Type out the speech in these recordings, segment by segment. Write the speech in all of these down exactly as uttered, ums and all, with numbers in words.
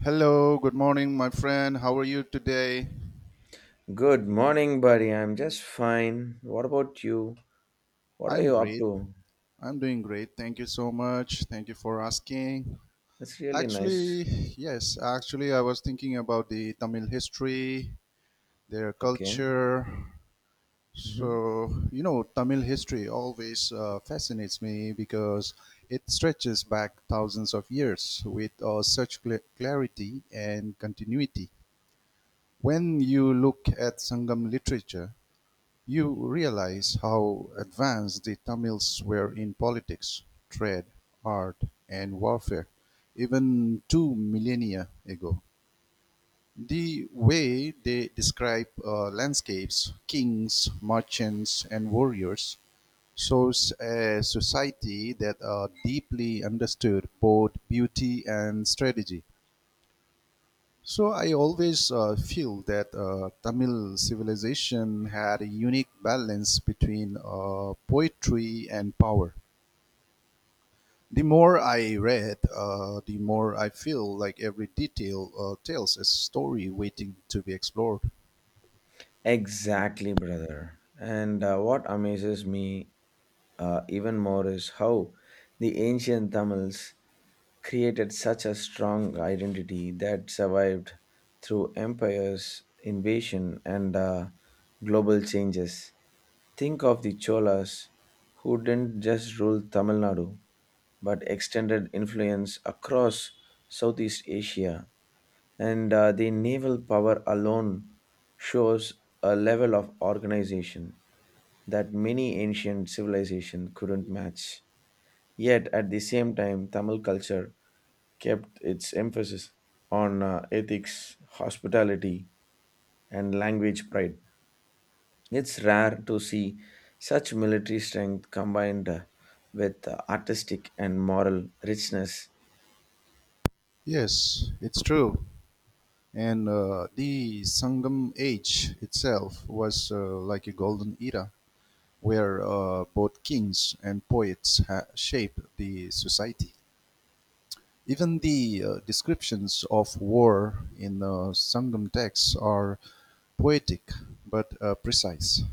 Hello, good morning, my friend. How are you today? Good morning, buddy. I'm just fine. What about you? What are I'm you up great. to? I'm doing great. Thank you so much. Thank you for asking. That's really nice. Actually, yes, actually, I was thinking about the Tamil history, their Okay. culture. Hmm. So, you know, Tamil history always uh, fascinates me because it stretches back thousands of years with uh, such cl- clarity and continuity. When you look at Sangam literature, you realise how advanced the Tamils were in politics, trade, art and warfare even two millennia ago. The way they describe uh, landscapes, kings, merchants and warriors shows a society that uh, deeply understood both beauty and strategy. So I always uh, feel that uh, Tamil civilization had a unique balance between uh, poetry and power. The more I read, uh, the more I feel like every detail uh, tells a story waiting to be explored. Exactly, brother. And uh, what amazes me uh, even more is how the ancient Tamils created such a strong identity that survived through empires, invasion, and uh, global changes. Think of the Cholas who didn't just rule Tamil Nadu, but extended influence across Southeast Asia, and uh, the naval power alone shows a level of organization that many ancient civilizations couldn't match. Yet, at the same time, Tamil culture kept its emphasis on uh, ethics, hospitality, and language pride. It's rare to see such military strength combined uh, with uh, artistic and moral richness. Yes, it's true. And uh, the Sangam age itself was uh, like a golden era where uh, both kings and poets ha- shaped the society. Even the uh, descriptions of war in the Sangam texts are poetic but uh, precise,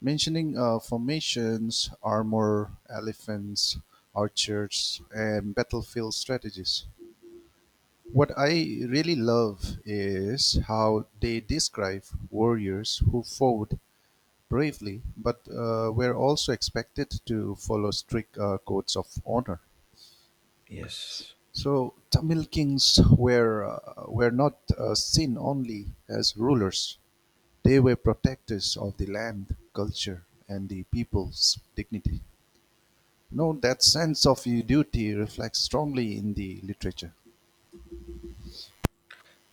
mentioning uh, formations, armor, elephants, archers, and battlefield strategies. What I really love is how they describe warriors who fought bravely but uh, were also expected to follow strict uh, codes of honor. Yes. So Tamil kings were uh, were not uh, seen only as rulers; they were protectors of the land, culture, and the people's dignity. You know that sense of your duty reflects strongly in the literature.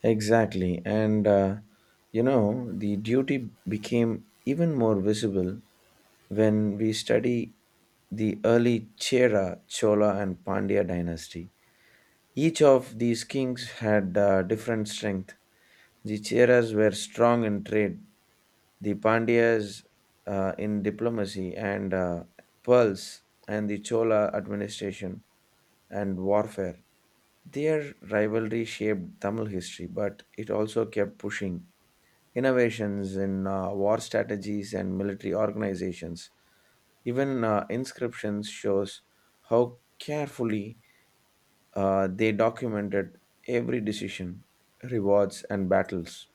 Exactly. And, uh, you know, the duty became even more visible when we study the early Chera, Chola, and Pandya dynasty. Each of these kings had uh, different strength. The Cheras were strong in trade, the Pandyas uh, in diplomacy and uh, pearls, and the Chola administration and warfare. Their rivalry shaped Tamil history, but it also kept pushing innovations in uh, war strategies and military organizations. Even uh, inscriptions shows how carefully uh, they documented every decision, rewards, and battles.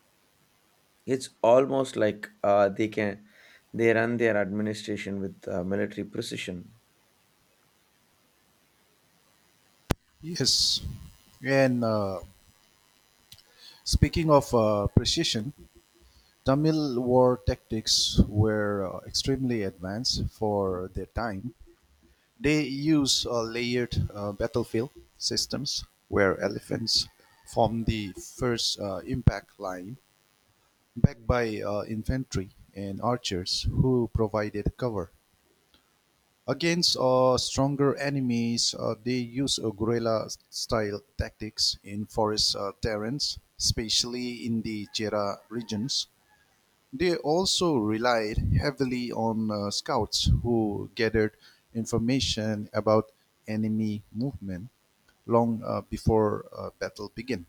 It's almost like uh, they can they run their administration with uh, military precision. Yes, and uh, speaking of uh, precision, Tamil war tactics were uh, extremely advanced for their time. They use a layered uh, battlefield systems where elephants form the first uh, impact line, backed by uh, infantry and archers who provided cover. Against uh, stronger enemies, uh, they use uh, guerrilla style tactics in forest uh, terrains, especially in the Jera regions. They also relied heavily on uh, scouts who gathered information about enemy movement long uh, before uh, battle began.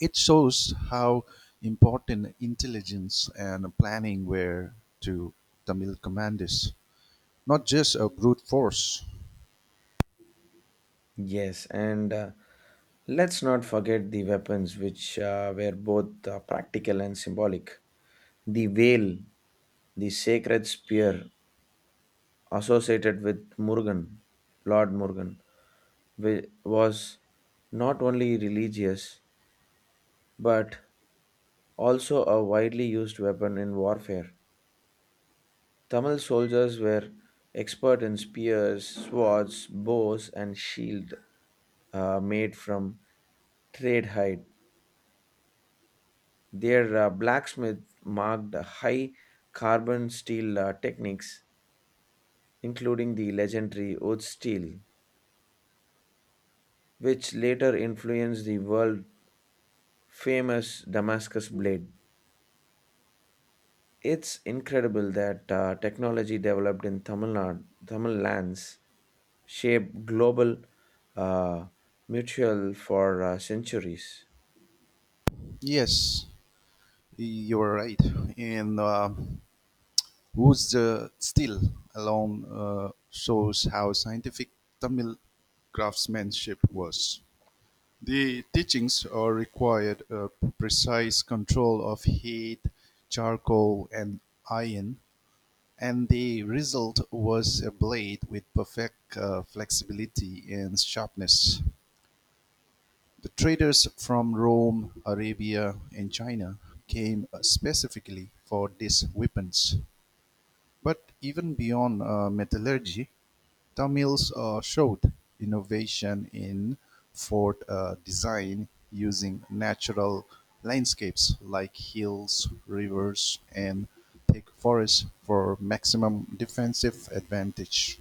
It shows how important intelligence and planning were to Tamil commanders, not just a brute force. Yes, and uh, let's not forget the weapons, which uh, were both uh, practical and symbolic. The veil, the sacred spear, associated with Murugan, Lord Murugan, wa- was not only religious but also a widely used weapon in warfare. Tamil soldiers were expert in spears, swords, bows, and shield uh, made from trade hide. Their uh, blacksmith marked high carbon steel uh, techniques, including the legendary wood steel, which later influenced the world famous Damascus blade. It's incredible that uh, technology developed in Tamil Nadu, Tamil lands shaped global uh, mutual for uh, centuries. Yes, you're right. And uh, who's the still alone uh, shows how scientific Tamil craftsmanship was. The teachings are required a precise control of heat, charcoal and iron, and the result was a blade with perfect uh, flexibility and sharpness. The traders from Rome, Arabia and China came uh, specifically for these weapons. But even beyond uh, metallurgy, Tamils uh, showed innovation in fort uh, design using natural landscapes like hills, rivers, and thick forests for maximum defensive advantage.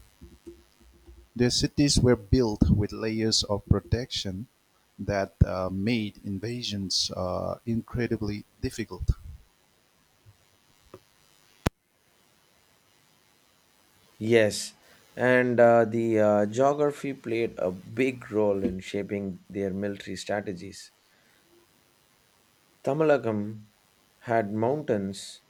Their cities were built with layers of protection that uh, made invasions uh, incredibly difficult. Yes, and uh, the uh, geography played a big role in shaping their military strategies. Tamilakam had mountains,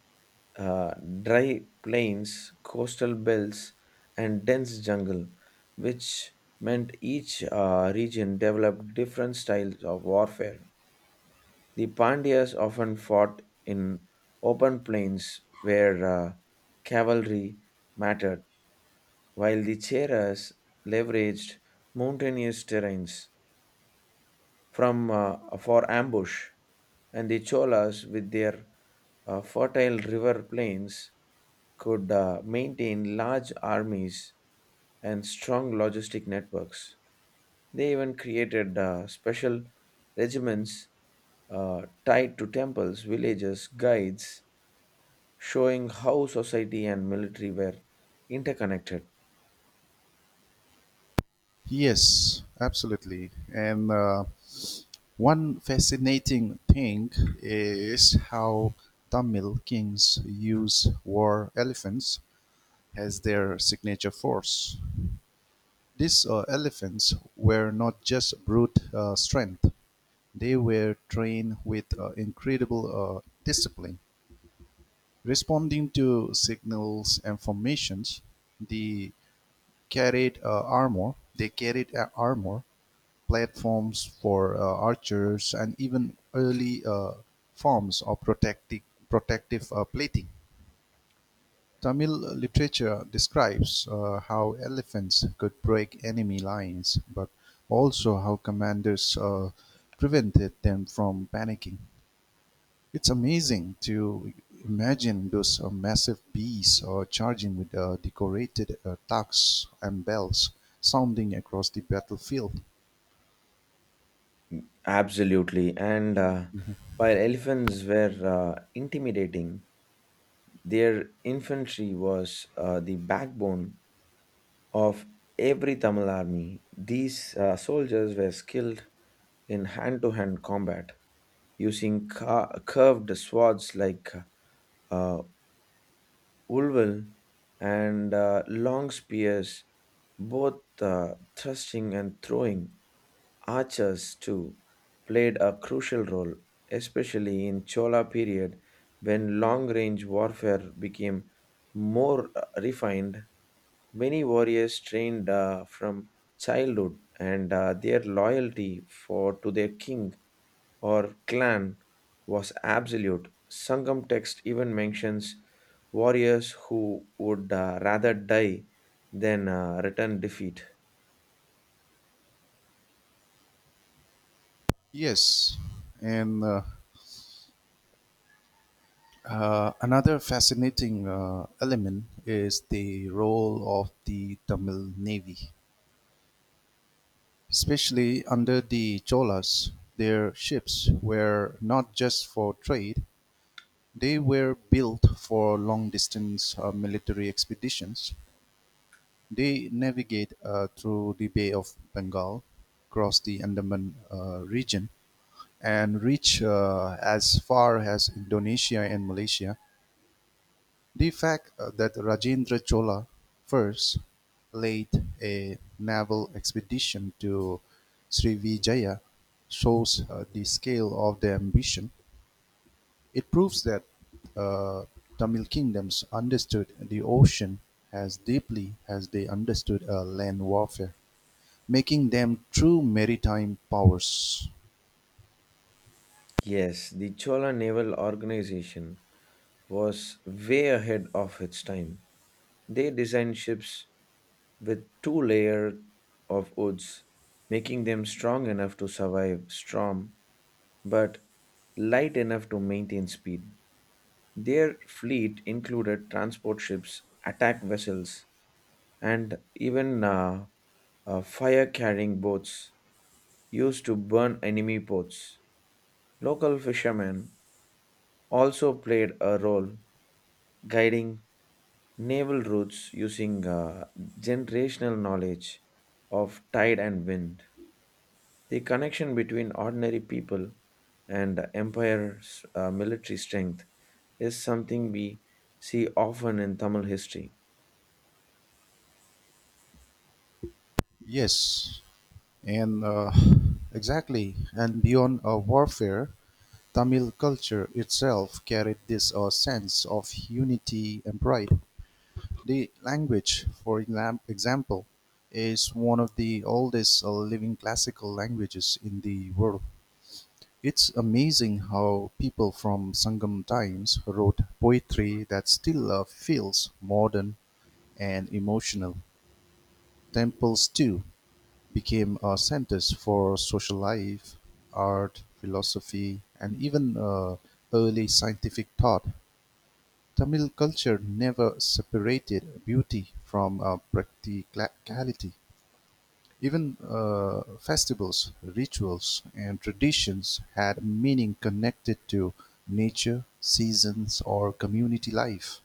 uh, dry plains, coastal belts, and dense jungle, which meant each uh, region developed different styles of warfare. The Pandyas often fought in open plains where uh, cavalry mattered, while the Cheras leveraged mountainous terrains from uh, for ambush, and the Cholas, with their uh, fertile river plains, could uh, maintain large armies and strong logistic networks. They even created uh, special regiments uh, tied to temples, villages, guides, showing how society and military were interconnected. Yes, absolutely. And uh, one fascinating thing is how Tamil kings use war elephants as their signature force. These uh, elephants were not just brute uh, strength, they were trained with uh, incredible uh, discipline. Responding to signals and formations, they carried uh, armor. They carried uh, armor platforms for uh, archers, and even early uh, forms of protective, protective uh, plating. Tamil literature describes uh, how elephants could break enemy lines, but also how commanders uh, prevented them from panicking. It's amazing to imagine those uh, massive bees uh, charging with uh, decorated uh, tucks and bells sounding across the battlefield. Absolutely. And uh, while elephants were uh, intimidating, their infantry was uh, the backbone of every Tamil army. These uh, soldiers were skilled in hand to hand combat, using ca- curved swords like uh, ulval and uh, long spears, both uh, thrusting and throwing. Archers, too, played a crucial role, especially in Chola period when long range warfare became more uh, refined. Many warriors trained uh, from childhood, and uh, their loyalty for to their king or clan was absolute. Sangam text even mentions warriors who would uh, rather die than uh, return defeat. Yes, and uh, Uh, another fascinating uh, element is the role of the Tamil Navy. Especially under the Cholas, their ships were not just for trade, they were built for long distance uh, military expeditions. They navigate uh, through the Bay of Bengal, cross the Andaman uh, region, and reach uh, as far as Indonesia and Malaysia. The fact uh, that Rajendra Chola first led a naval expedition to Srivijaya shows uh, the scale of their ambition. It proves that uh, Tamil kingdoms understood the ocean as deeply as they understood uh, land warfare, making them true maritime powers. Yes, the Chola naval organization was way ahead of its time. They designed ships with two layers of woods, making them strong enough to survive storm but light enough to maintain speed. Their fleet included transport ships, attack vessels, and even uh, uh, fire carrying boats used to burn enemy ports. Local fishermen also played a role guiding naval routes using uh, generational knowledge of tide and wind. The connection between ordinary people and the empire's uh, military strength is something we see often in Tamil history. Yes, and uh, exactly, and beyond uh, warfare, Tamil culture itself carried this a sense of unity and pride. The language, for exam- example, is one of the oldest uh, living classical languages in the world. It's amazing how people from Sangam times wrote poetry that still uh, feels modern and emotional. Temples, too, became uh, centers for social life, art, philosophy, and even uh, early scientific thought. Tamil culture never separated beauty from uh, practicality; even uh, festivals, rituals, and traditions had meaning connected to nature, seasons, or community life.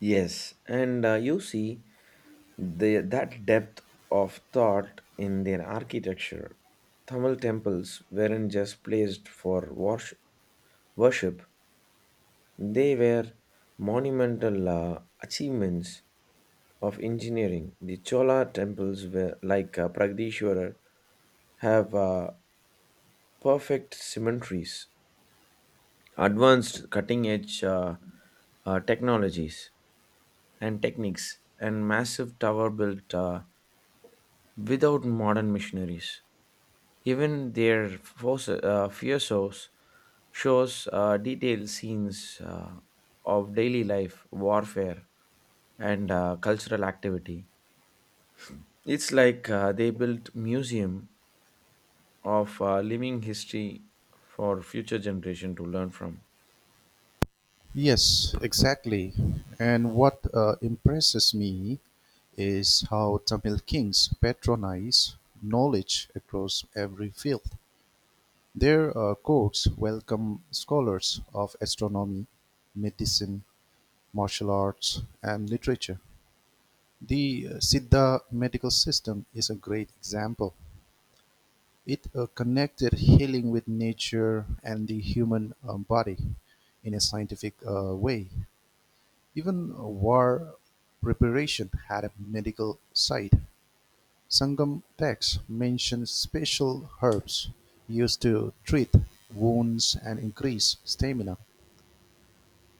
Yes, and uh, you see the, that depth of thought in their architecture. Tamil temples weren't just placed for wors- worship, they were monumental uh, achievements of engineering. The Chola temples were like uh, Pragdishwarar have uh, perfect symmetries, advanced cutting edge uh, uh, technologies and techniques, and massive tower built uh, without modern machineries. Even their force, uh, fierceos shows uh, detailed scenes uh, of daily life, warfare, and uh, cultural activity. It's like uh, they built museum of uh, living history for future generation to learn from. Yes, exactly. And what uh, impresses me is how Tamil kings patronize knowledge across every field. Their uh, courts welcome scholars of astronomy, medicine, martial arts and literature. The uh, Siddha medical system is a great example. It uh, connected healing with nature and the human um, body in a scientific uh, way. Even uh, war preparation had a medical side. Sangam texts mention special herbs used to treat wounds and increase stamina.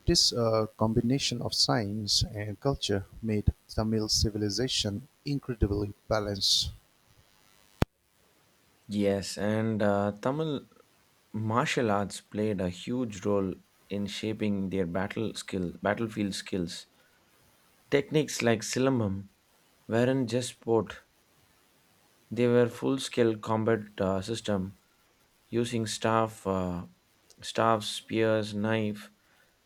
This uh, combination of science and culture made Tamil civilization incredibly balanced. Yes, and uh, Tamil martial arts played a huge role in shaping their battle skill, battlefield skills. Techniques like silambam weren't just sport; they were full-scale combat uh, system using staff, uh, staffs, spears, knife,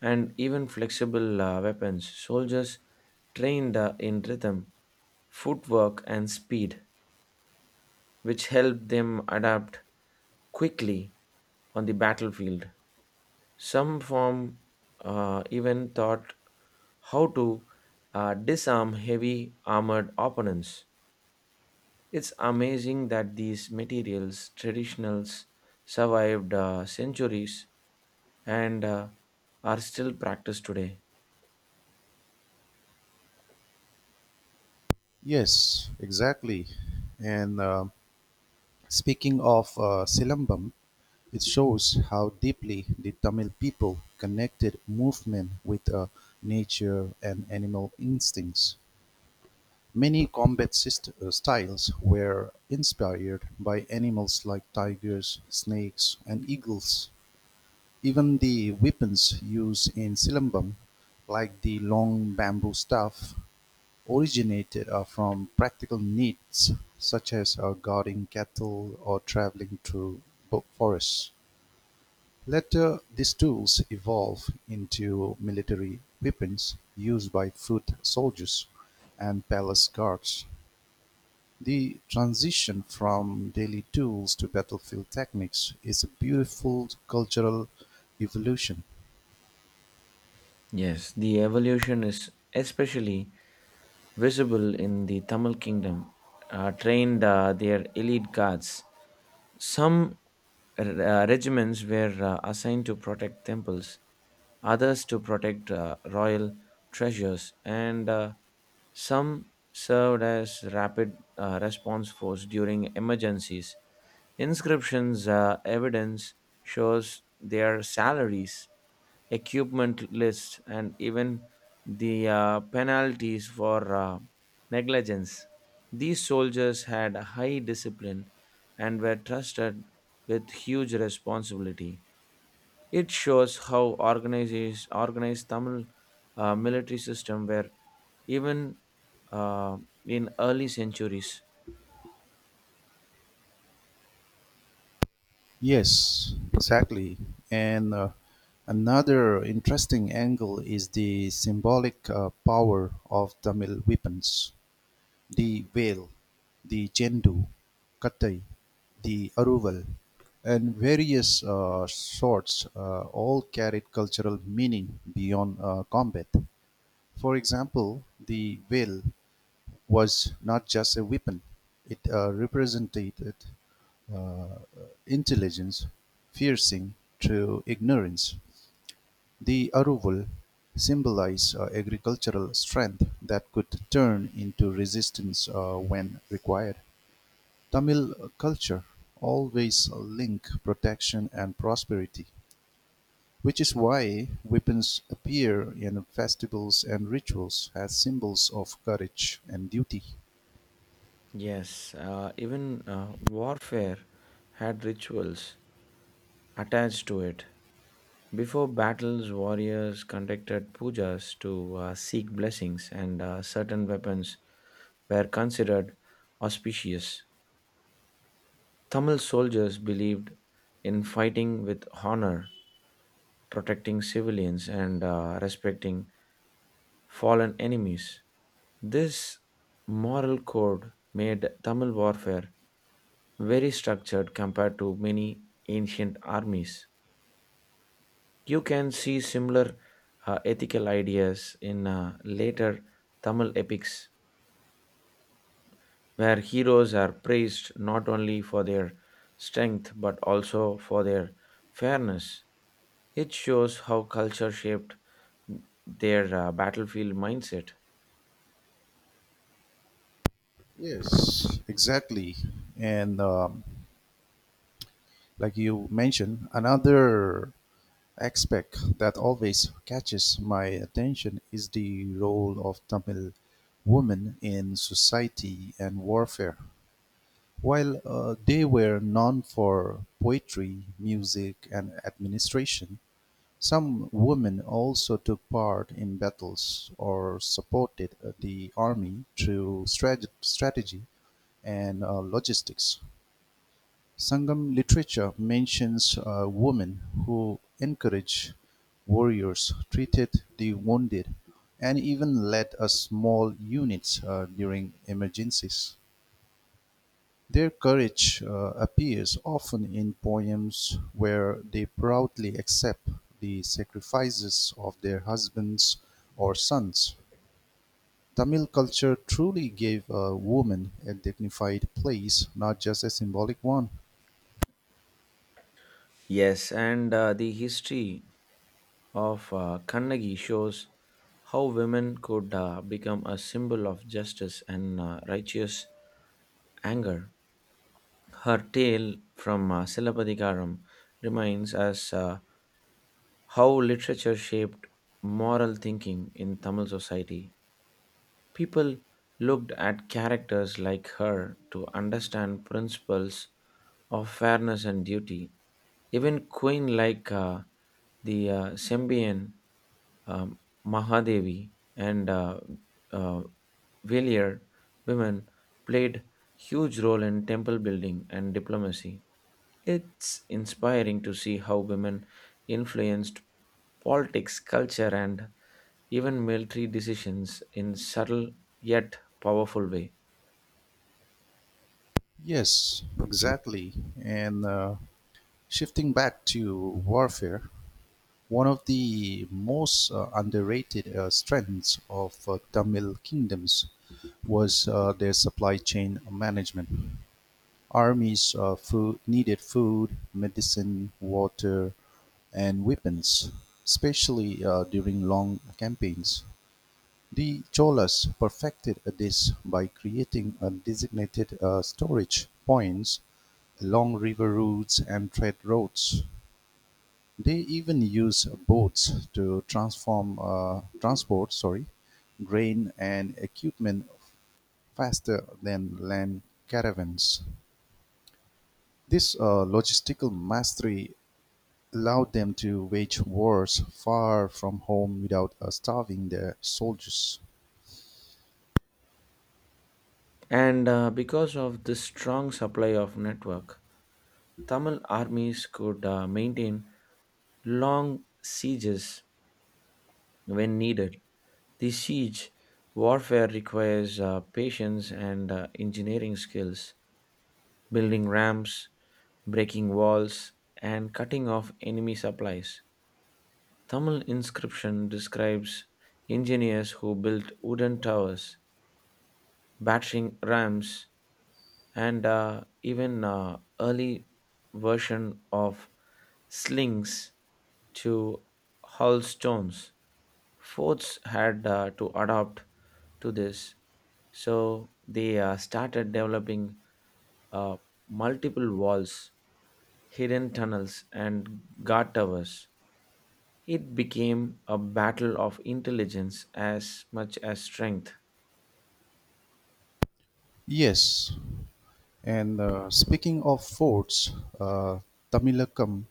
and even flexible uh, weapons. Soldiers trained uh, in rhythm, footwork, and speed which help them adapt quickly on the battlefield. Some form uh, even thought how to uh, disarm heavy armored opponents. It's amazing that these materials, traditionals, survived uh, centuries and uh, are still practiced today. Yes, exactly. And uh, speaking of uh, Silambam, it shows how deeply the Tamil people connected movement with uh, nature and animal instincts. Many combat syst- uh, styles were inspired by animals like tigers, snakes, and eagles. Even the weapons used in Silambam, like the long bamboo staff, originated uh, from practical needs such as uh, guarding cattle or traveling through forests. Later, these tools evolved into military weapons used by foot soldiers and palace guards. The transition from daily tools to battlefield techniques is a beautiful cultural evolution. Yes, the evolution is especially visible in the Tamil kingdom, uh, trained uh, their elite guards. Some uh, regiments were uh, assigned to protect temples, others to protect uh, royal treasures, and uh, some served as rapid uh, response force during emergencies. Inscriptions uh, evidence shows their salaries equipment list, and even the uh, penalties for uh, negligence. These soldiers had high discipline and were trusted with huge responsibility. It shows how organized organized Tamil uh, military system were even uh, in early centuries. Yes, exactly. And uh, another interesting angle is the symbolic uh, power of Tamil weapons the whale, the jendu, kattai, the aruval, and various uh, swords uh, all carried cultural meaning beyond uh, combat. For example, the whale was not just a weapon; it uh, represented uh, intelligence piercing through ignorance. The aruvul symbolized uh, agricultural strength that could turn into resistance uh, when required. Tamil culture always linked protection and prosperity, which is why weapons appear in festivals and rituals as symbols of courage and duty. Yes, uh, even uh, warfare had rituals attached to it. Before battles, warriors conducted pujas to uh, seek blessings, and uh, certain weapons were considered auspicious. Tamil soldiers believed in fighting with honor, protecting civilians, and uh, respecting fallen enemies. This moral code made Tamil warfare very structured compared to many ancient armies. You can see similar uh, ethical ideas in uh, later Tamil epics, where heroes are praised not only for their strength but also for their fairness. It shows how culture shaped their uh, battlefield mindset. Yes, exactly. And um, like you mentioned, another aspect that always catches my attention is the role of Tamil women in society and warfare. While uh, they were known for poetry, music, and administration, some women also took part in battles or supported uh, the army through strate- strategy and uh, logistics. Sangam literature mentions uh, women who encouraged warriors, treated the wounded, and even led a small units uh, during emergencies. Their courage uh, appears often in poems where they proudly accept the sacrifices of their husbands or sons. Tamil culture truly gave uh, women a dignified place, not just a symbolic one. Yes, and uh, the history of uh, Kannagi shows how women could uh, become a symbol of justice and uh, righteous anger. Her tale from uh, Silabadikaram reminds us uh, how literature shaped moral thinking in Tamil society. People looked at characters like her to understand principles of fairness and duty. Even queen like uh, the uh, Sembian um, Mahadevi and uh, uh, Valier women played huge role in temple building and diplomacy. It's inspiring to see how women influenced politics, culture, and even military decisions in subtle yet powerful way. Yes, exactly. And uh, shifting back to warfare, one of the most uh, underrated uh, strengths of uh, Tamil kingdoms was uh, their supply chain management. Armies uh, food, needed food, medicine, water, and weapons, especially uh, during long campaigns. The Cholas perfected this by creating a designated uh, storage points along river routes and trade routes, they even use boats to transform uh, transport Sorry, grain and equipment faster than land caravans. This uh, logistical mastery allowed them to wage wars far from home without uh, starving their soldiers. And uh, because of this strong supply of network, Tamil armies could uh, maintain long sieges when needed. The siege warfare requires uh, patience and uh, engineering skills, building ramps, breaking walls, and cutting off enemy supplies. Tamil inscription describes engineers who built wooden towers, battering rams, and uh, even uh, early version of slings to haul stones. Forts had uh, to adapt to this, so they uh, started developing uh, multiple walls, hidden tunnels, and guard towers. It became a battle of intelligence as much as strength. Yes, and uh, speaking of forts, uh, Tamilakam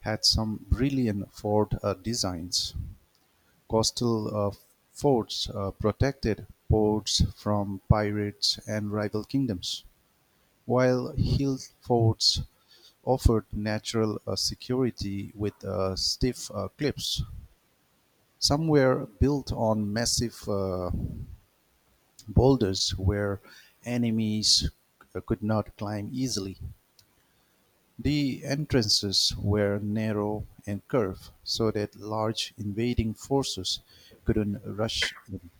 had some brilliant fort uh, designs. Coastal uh, forts uh, protected ports from pirates and rival kingdoms, while hill forts offered natural uh, security with steep cliffs. Some were built on massive uh, boulders where enemies uh, could not climb easily. The entrances were narrow and curved so that large invading forces couldn't rush in.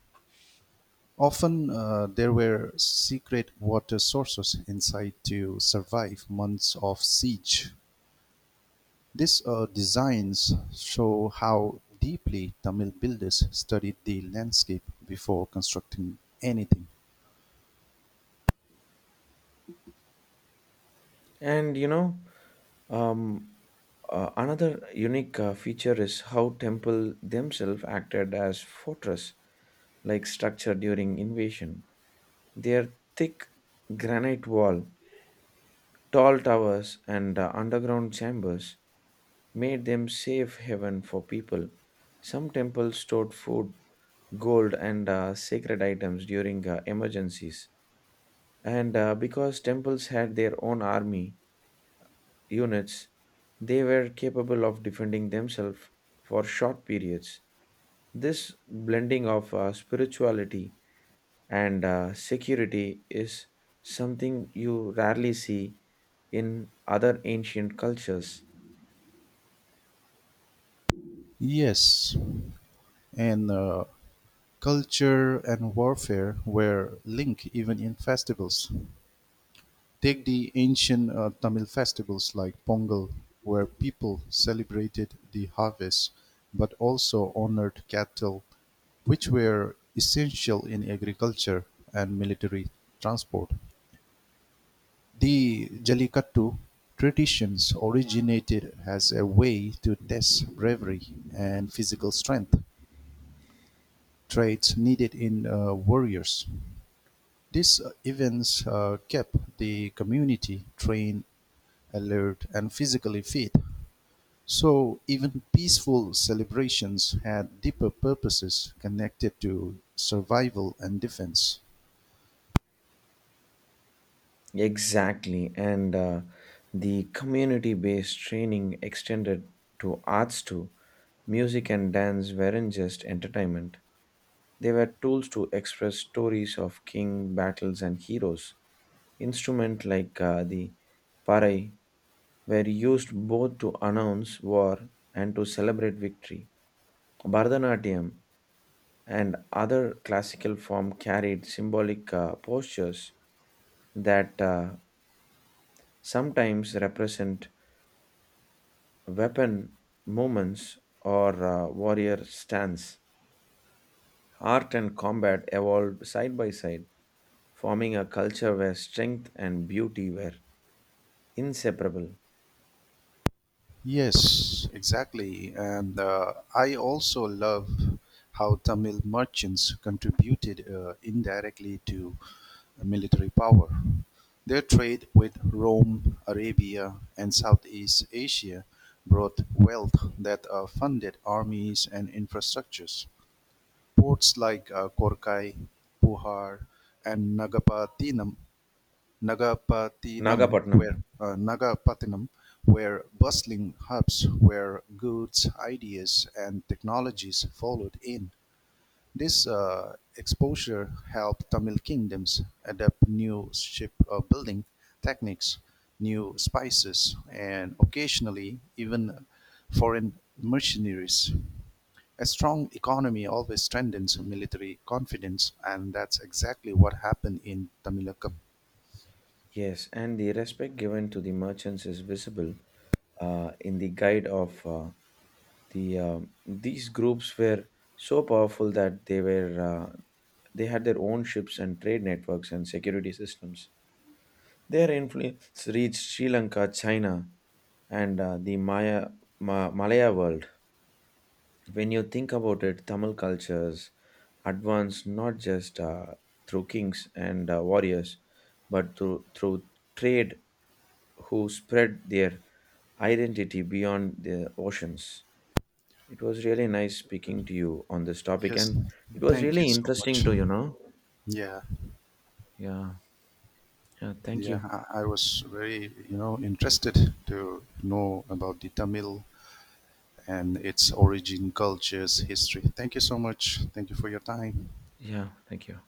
Often uh, there were secret water sources inside to survive months of siege. These uh, designs show how deeply Tamil builders studied the landscape before constructing anything. And you know, um, uh, another unique uh, feature is how temple themselves acted as fortress like structure during invasion. Their thick granite wall, tall towers, and uh, underground chambers made them safe haven for people. Some temples stored food, gold, and uh, sacred items during uh, emergencies. And uh, because temples had their own army units, they were capable of defending themselves for short periods. This blending of uh, spirituality and uh, security is something you rarely see in other ancient cultures. Yes, and uh, culture and warfare were linked even in festivals. Take the ancient uh, Tamil festivals like Pongal, where people celebrated the harvest but also honored cattle, which were essential in agriculture and military transport. The Jallikattu traditions originated as a way to test bravery and physical strength, traits needed in uh, warriors. These uh, events uh, kept the community trained alert, and physically fit. So even peaceful celebrations had deeper purposes connected to survival and defense. Exactly, and uh, the community based training extended to arts too. Music and dance weren't just entertainment. They were tools to express stories of king, battles, and heroes. Instruments like uh, the parai were used both to announce war and to celebrate victory. Bharatanatyam and other classical form carried symbolic uh, postures that uh, sometimes represent weapon movements or uh, warrior stance. Art and combat evolved side by side, forming a culture where strength and beauty were inseparable. Yes, exactly. And uh, I also love how Tamil merchants contributed uh, indirectly to military power. Their trade with Rome, Arabia, and Southeast Asia brought wealth that uh, funded armies and infrastructures. Ports like uh, Korkai, Puhar, and Nagapattinam, Nagapattinam Nagapatnam. were uh, Nagapattinam were bustling hubs where goods, ideas, and technologies followed in. This uh, exposure helped Tamil kingdoms adapt new ship-building techniques, new spices, and occasionally even foreign mercenaries. A strong economy always strengthens military confidence, and that's exactly what happened in Tamilakam. Yes, and the respect given to the merchants is visible uh, in the guide of uh, the. Uh, these groups were so powerful that they were uh, they had their own ships and trade networks and security systems. Their influence reached Sri Lanka, China, and uh, the Maya Ma- Malaya world. When you think about it, Tamil cultures advanced not just uh, through kings and uh, warriors, but through through trade who spread their identity beyond the oceans. It was really nice speaking to you on this topic, Yes, and it was thank you really so interesting much. to you know. Yeah, Yeah, yeah. Thank yeah, you. I, I was very, you know, interested to know about the Tamil and its origin, cultures, history. Thank you so much. Thank you for your time. Yeah, thank you.